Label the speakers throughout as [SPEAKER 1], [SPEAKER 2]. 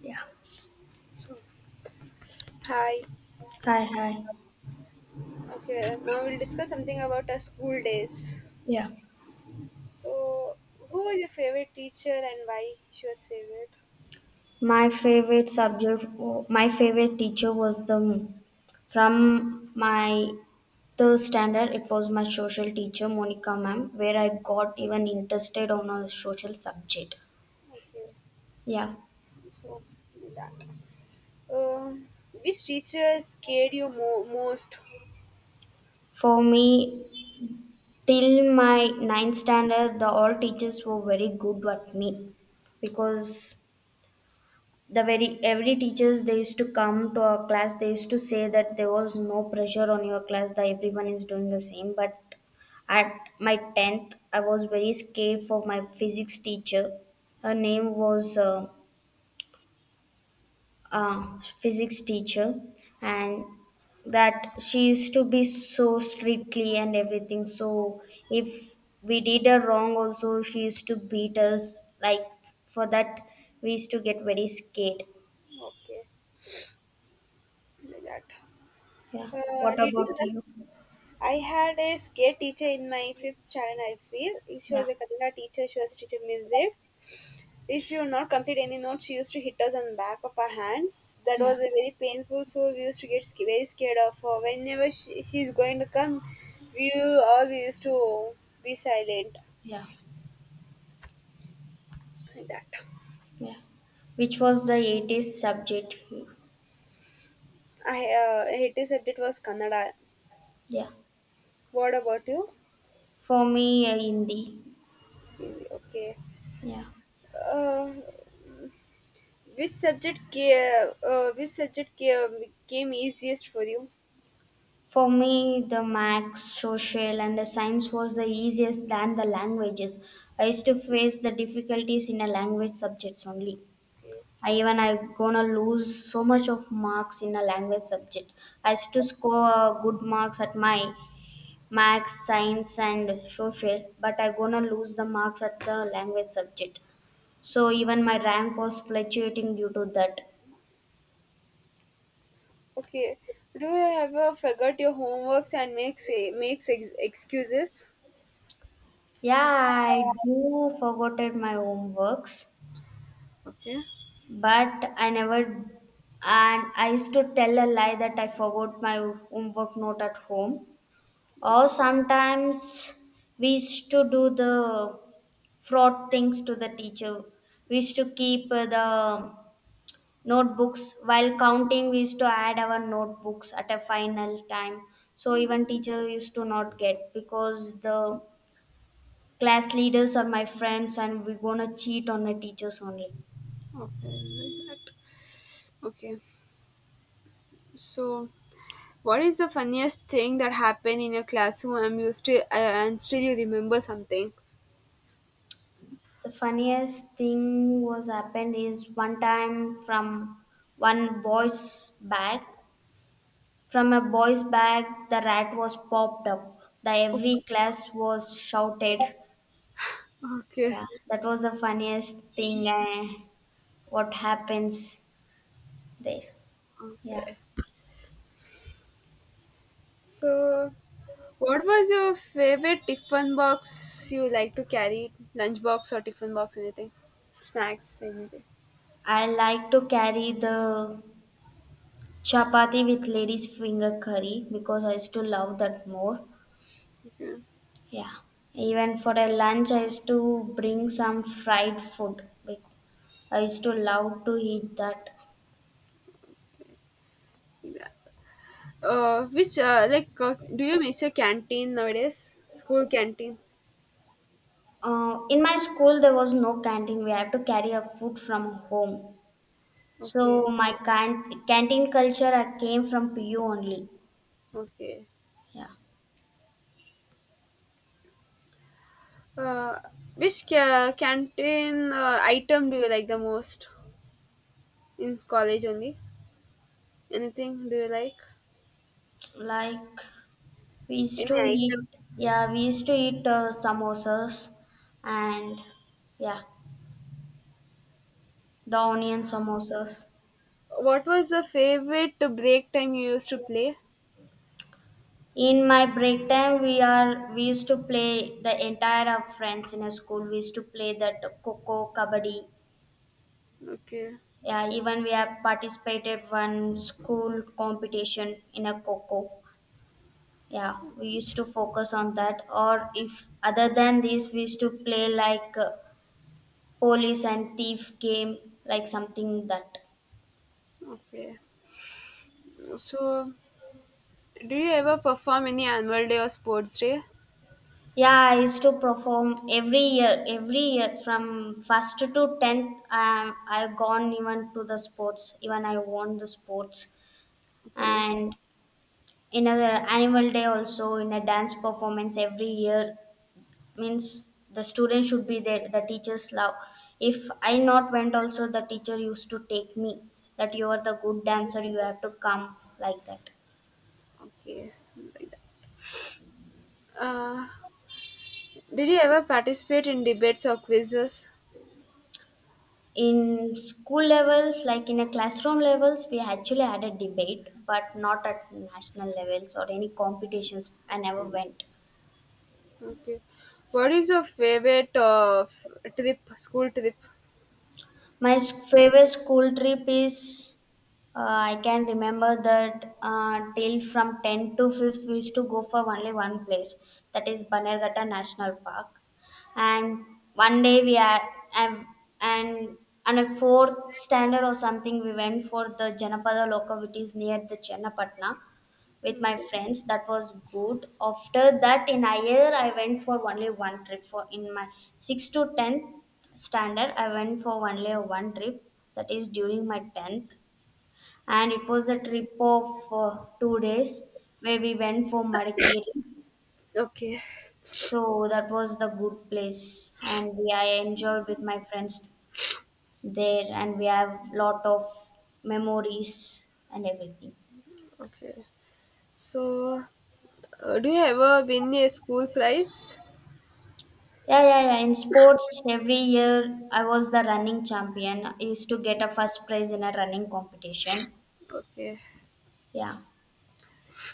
[SPEAKER 1] Yeah.
[SPEAKER 2] So, hi.
[SPEAKER 1] Hi, hi.
[SPEAKER 2] Okay, now we'll discuss something about our school days.
[SPEAKER 1] Yeah.
[SPEAKER 2] So, who was your favorite teacher and why she was favorite?
[SPEAKER 1] My favorite subject, my favorite teacher was the from my third standard. It was my social teacher, Monica ma'am, where I got even interested on a social subject.
[SPEAKER 2] Okay,
[SPEAKER 1] Yeah,
[SPEAKER 2] so like that. Uh, which teacher scared you most?
[SPEAKER 1] for me till my ninth standard, the all teachers were very good at me because the very every teachers they used to come to our class they used to say that there was no pressure on your class that everyone is doing the same but at my 10th I was very scared for my physics teacher. Her name was physics teacher, and that she used to be so strictly and everything. So if we did a wrong also she used to beat us like, for that we used to get very scared.
[SPEAKER 2] Okay, like that.
[SPEAKER 1] What
[SPEAKER 2] Did you?
[SPEAKER 1] about you?
[SPEAKER 2] I had a scare teacher in my fifth standard. I feel she
[SPEAKER 1] Yeah.
[SPEAKER 2] was a Kannada teacher. She was teacher Mizir. If you not complete any notes, she used to hit us on the back of our hands. That was a very painful, so we used to get very scared of her. Whenever she's going to come, we all we used to be silent like that.
[SPEAKER 1] Which was the 80s subject?
[SPEAKER 2] I hated subject was Kannada.
[SPEAKER 1] Yeah.
[SPEAKER 2] What about you?
[SPEAKER 1] For me, Hindi.
[SPEAKER 2] Hindi, okay.
[SPEAKER 1] Yeah.
[SPEAKER 2] Uh, which subject came easiest for you?
[SPEAKER 1] For me, the max, social, and the science was the easiest than the languages. I used to face the difficulties in a language subjects only.
[SPEAKER 2] Okay.
[SPEAKER 1] I gonna lose so much of marks in a language subject. I used to score good marks at my max, science, and social, but I gonna lose the marks at the language subject. So even my rank was fluctuating due to that.
[SPEAKER 2] Okay. Do you ever forget your homeworks and makes excuses?
[SPEAKER 1] Yeah, I do forgotten my homeworks,
[SPEAKER 2] Okay.
[SPEAKER 1] but I never and I used to tell a lie that I forgot my homework note at home. Or sometimes we used to do the fraud things to the teacher. We used to keep the notebooks while counting. We used to add our notebooks at a final time so even teacher used to not get, because the class leaders are my friends and we're gonna cheat on the teachers only.
[SPEAKER 2] Okay. Like that. Okay. So, what is the funniest thing that happened in your classroom and you still and still you remember something?
[SPEAKER 1] The funniest thing was happened is one time from one boy's bag. From a boy's bag the rat was popped up. The
[SPEAKER 2] Oh,
[SPEAKER 1] every class was shouted.
[SPEAKER 2] okay.
[SPEAKER 1] Yeah. That was the funniest thing what happens there.
[SPEAKER 2] Okay. So, what was your favorite tiffin box you like to carry? Lunch box or tiffin box? Anything? Snacks? Anything?
[SPEAKER 1] I like to carry the chapati with ladies finger curry because I used to love that more.
[SPEAKER 2] Okay.
[SPEAKER 1] Yeah. Even for a lunch, I used to bring some fried food. I used to love to eat that.
[SPEAKER 2] Yeah. Which like do you miss your canteen nowadays? School canteen.
[SPEAKER 1] In my school, there was no canteen. We had to carry our food from home. So
[SPEAKER 2] Okay.
[SPEAKER 1] my canteen culture came from PU only.
[SPEAKER 2] Okay.
[SPEAKER 1] Yeah.
[SPEAKER 2] Uh, which canteen item do you like the most in college only? Anything do you like?
[SPEAKER 1] Like we used
[SPEAKER 2] Any
[SPEAKER 1] to
[SPEAKER 2] item?
[SPEAKER 1] eat. Yeah, we used to eat samosas and yeah, the onion samosas.
[SPEAKER 2] What was the favorite break time you used to play?
[SPEAKER 1] In my break time, we used to play the entire of friends in a school. We used to play that coco kabaddi.
[SPEAKER 2] Okay,
[SPEAKER 1] Yeah, even we have participated one school competition in a coco. Yeah, we used to focus on that. Or if other than this, we used to play like police and thief game, like something that.
[SPEAKER 2] okay. So, do you ever perform any annual day or sports day?
[SPEAKER 1] Yeah, I used to perform every year from first to tenth. I've gone even to the sports, even I won the sports,
[SPEAKER 2] Okay,
[SPEAKER 1] and in a annual day also in a dance performance every year means the students should be there. The teachers love. If I not went also, the teacher used to take me that you are the good dancer. You have to come like that.
[SPEAKER 2] okay. Like that. Uh, did you ever participate in debates or quizzes?
[SPEAKER 1] In school levels like in a classroom levels we actually had a debate, but not at national levels or any competitions, I never went.
[SPEAKER 2] Okay. What is your favorite trip, school trip?
[SPEAKER 1] My favorite school trip is, uh, I can remember that till from 10 to 5th we used to go for only one place, that is Banerghatta National Park. And one day we are and and on a fourth standard or something we went for the Janapada Loka, which is near the Chennapatna, with my
[SPEAKER 2] Okay.
[SPEAKER 1] friends. That was good. After that in a year I went for only one trip for in my 6th to 10th standard. I went for only one trip, that is during my 10th, and it was a trip of 2 days, where we went for Madikeri.
[SPEAKER 2] Okay.
[SPEAKER 1] So that was the good place, and we I enjoyed with my friends there, and we have lot of memories and everything.
[SPEAKER 2] Okay. So, do you ever win a school prize?
[SPEAKER 1] Yeah, yeah, yeah. In sports, every year I was the running champion. I used to get a first prize in a running competition.
[SPEAKER 2] Okay.
[SPEAKER 1] Yeah,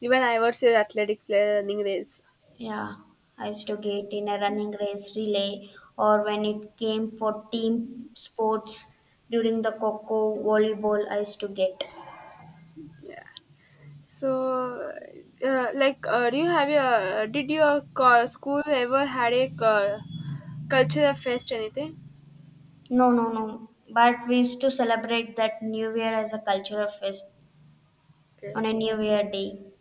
[SPEAKER 2] Even I would say athletic player running race.
[SPEAKER 1] yeah. I used to get in a running race relay or when it came for team sports during the Coco volleyball, I used to get.
[SPEAKER 2] Yeah. So, do you have your school ever had a cultural fest anything?
[SPEAKER 1] No, no, no. But we used to celebrate that New Year as a cultural fest
[SPEAKER 2] Okay.
[SPEAKER 1] on a New Year day.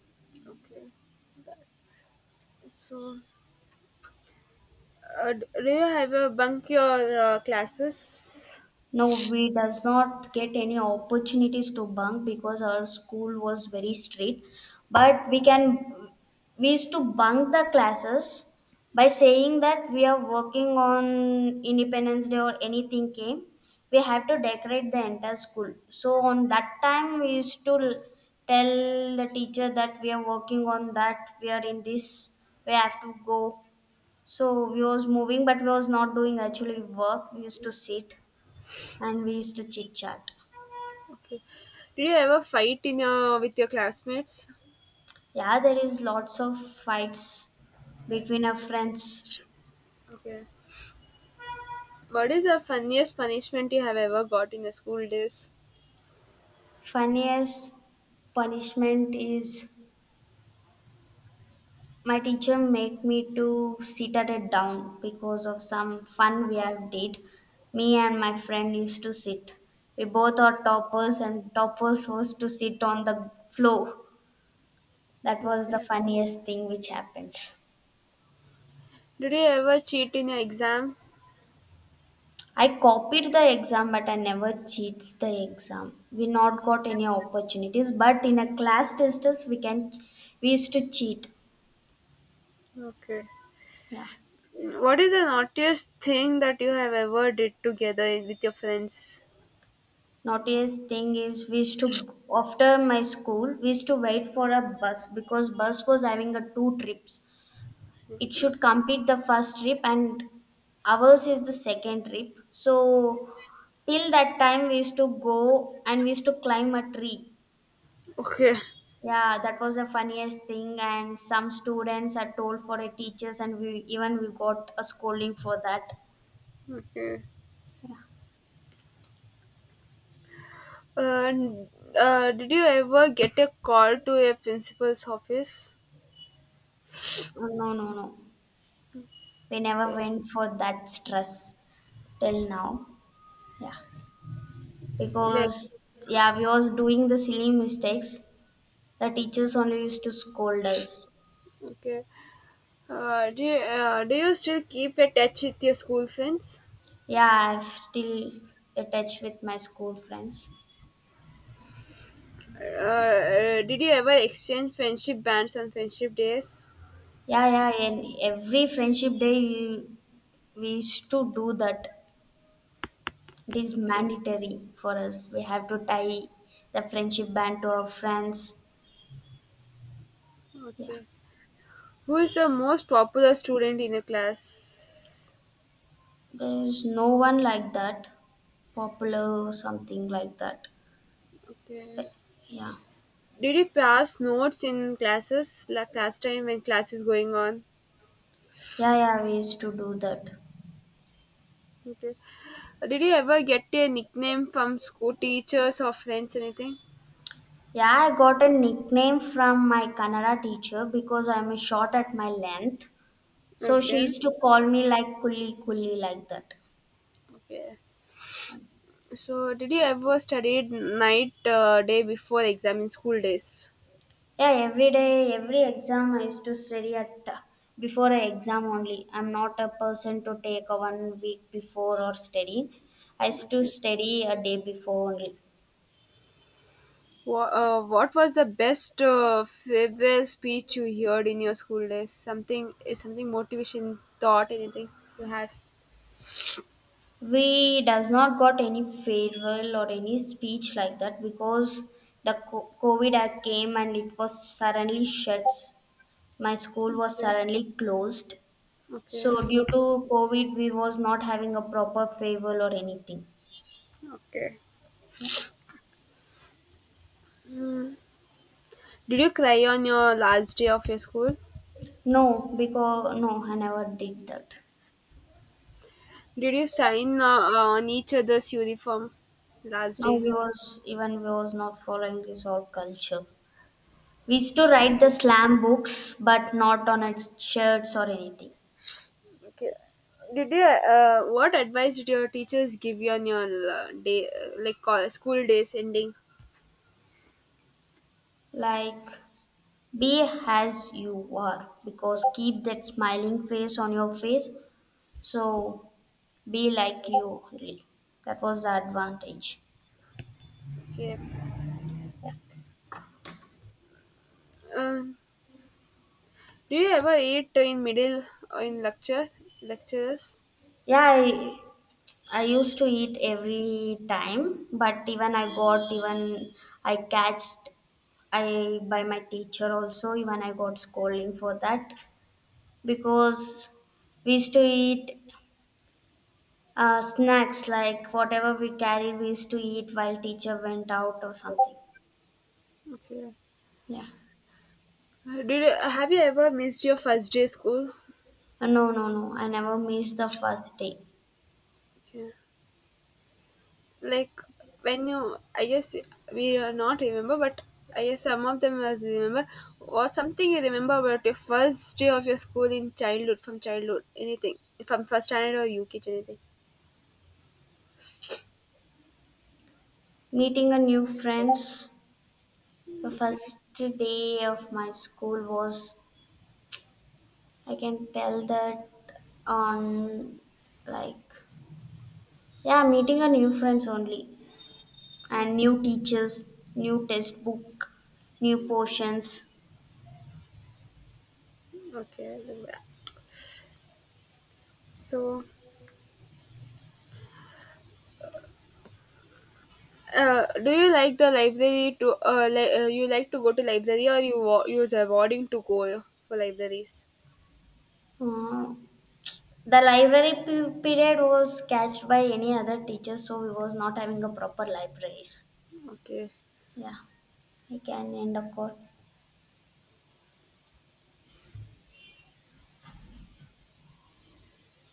[SPEAKER 2] Okay. So, do you ever bunk your classes?
[SPEAKER 1] No, we does not get any opportunities to bunk because our school was very strict. But we used to bunk the classes by saying that we are working on Independence Day or anything came. We have to decorate the entire school. So on that time we used to tell the teacher that we are working on that, we are in this, we have to go. So we was moving but we was not doing actually work. We used to sit and we used to chit chat.
[SPEAKER 2] Okay. Did you ever fight in your with your classmates?
[SPEAKER 1] Yeah, there is lots of fights between our friends.
[SPEAKER 2] Okay. What is the funniest punishment you have ever got in your school days?
[SPEAKER 1] Funniest punishment is my teacher make me to sit at a down because of some fun we have did. Me and my friend used to sit. We both are toppers and toppers was to sit on the floor. That was the
[SPEAKER 2] Okay.
[SPEAKER 1] funniest thing which happens.
[SPEAKER 2] Did you ever cheat in your exam?
[SPEAKER 1] I copied the exam, but I never cheats the exam. We not got any opportunities, but in a class testers we used to cheat.
[SPEAKER 2] Okay.
[SPEAKER 1] Yeah.
[SPEAKER 2] What is the naughtiest thing that you have ever did together with your friends?
[SPEAKER 1] Naughtiest thing is we used to after my school we used to wait for a bus because bus was having a two trips. It should complete the first trip and ours is the second trip. So till that time we used to go and we used to climb a tree.
[SPEAKER 2] Okay.
[SPEAKER 1] Yeah, that was the funniest thing, and some students are told for a teachers, and we got a scolding for that.
[SPEAKER 2] Okay. Uh, did you ever get a call to your principal's office?
[SPEAKER 1] Oh, no, no, no, we never
[SPEAKER 2] Okay.
[SPEAKER 1] went for that stress till now,
[SPEAKER 2] Like,
[SPEAKER 1] because yeah, we was doing the silly mistakes. The teachers only used to scold us.
[SPEAKER 2] okay. Do you still keep a touch with your school friends?
[SPEAKER 1] Yeah, I've still attached with my school friends.
[SPEAKER 2] Did you ever exchange friendship bands on friendship days?
[SPEAKER 1] Yeah, yeah, and every friendship day we used to do that. It is
[SPEAKER 2] Okay,
[SPEAKER 1] mandatory for us. We have to tie the friendship band to our friends. Yeah.
[SPEAKER 2] okay. Who is the most popular student in your class?
[SPEAKER 1] There is no one like that, popular or something like that.
[SPEAKER 2] Okay.
[SPEAKER 1] Like, yeah.
[SPEAKER 2] Did you pass notes in classes, like class time when class is going on?
[SPEAKER 1] Yeah, yeah, we used to do that.
[SPEAKER 2] Okay. Did you ever get a nickname from school teachers or friends, anything?
[SPEAKER 1] Yeah, I got a nickname from my Kannada teacher because I'm short at my length. So she
[SPEAKER 2] Okay.
[SPEAKER 1] used to call me like Kulli Kulli like that.
[SPEAKER 2] Okay. So, did you ever study night, day before exam in school days?
[SPEAKER 1] Yeah, every day, every exam I used to study at before an exam only. I'm not a person to take a one week before or study. I used to
[SPEAKER 2] Okay.
[SPEAKER 1] study a day before only.
[SPEAKER 2] What was the best farewell speech you heard in your school days? Something is something motivation thought anything you had?
[SPEAKER 1] We does not got any farewell or any speech like that because the COVID had came and it was suddenly shut. My school was
[SPEAKER 2] Okay.
[SPEAKER 1] suddenly closed.
[SPEAKER 2] Okay.
[SPEAKER 1] So due to COVID, we was not having a proper farewell or anything.
[SPEAKER 2] Okay. Did you cry on your last day of your school?
[SPEAKER 1] No, because no, I never did that.
[SPEAKER 2] Did you sign on each other's uniform last
[SPEAKER 1] No,
[SPEAKER 2] day?
[SPEAKER 1] we was not following this old culture. We used to write the slam books, but not on a shirts or anything.
[SPEAKER 2] Okay. Did you? What advice did your teachers give you on your day, like school days ending?
[SPEAKER 1] Like be as you are, because keep that smiling face on your face. So be like you only. That was the advantage.
[SPEAKER 2] Okay.
[SPEAKER 1] Yeah,
[SPEAKER 2] Um, do you ever eat in middle in lectures?
[SPEAKER 1] yeah. I used to eat every time, but even I got even I catched I by my teacher also even I got scolding for that, because we used to eat snacks like whatever we carried we used to eat while teacher went out or something.
[SPEAKER 2] Okay. Did you, have you ever missed your first day school?
[SPEAKER 1] No, no, no, I never missed the first day.
[SPEAKER 2] Okay. Like when you, I guess we are not remember, but I guess some of them was remember. What something you remember about your first day of your school in childhood, from childhood, anything from first standard or UK, anything.
[SPEAKER 1] Meeting a new friends the
[SPEAKER 2] Okay.
[SPEAKER 1] first day of my school was I can tell that on like yeah, meeting a new friends only and new teachers, new textbook, new portions.
[SPEAKER 2] Okay. Okay. So. Do you like the library to you like to go to library or you use a boarding to go for libraries?
[SPEAKER 1] Uh, the library period was catched by any other teacher, so we was not having a proper libraries.
[SPEAKER 2] Okay.
[SPEAKER 1] Yeah, I can end a call.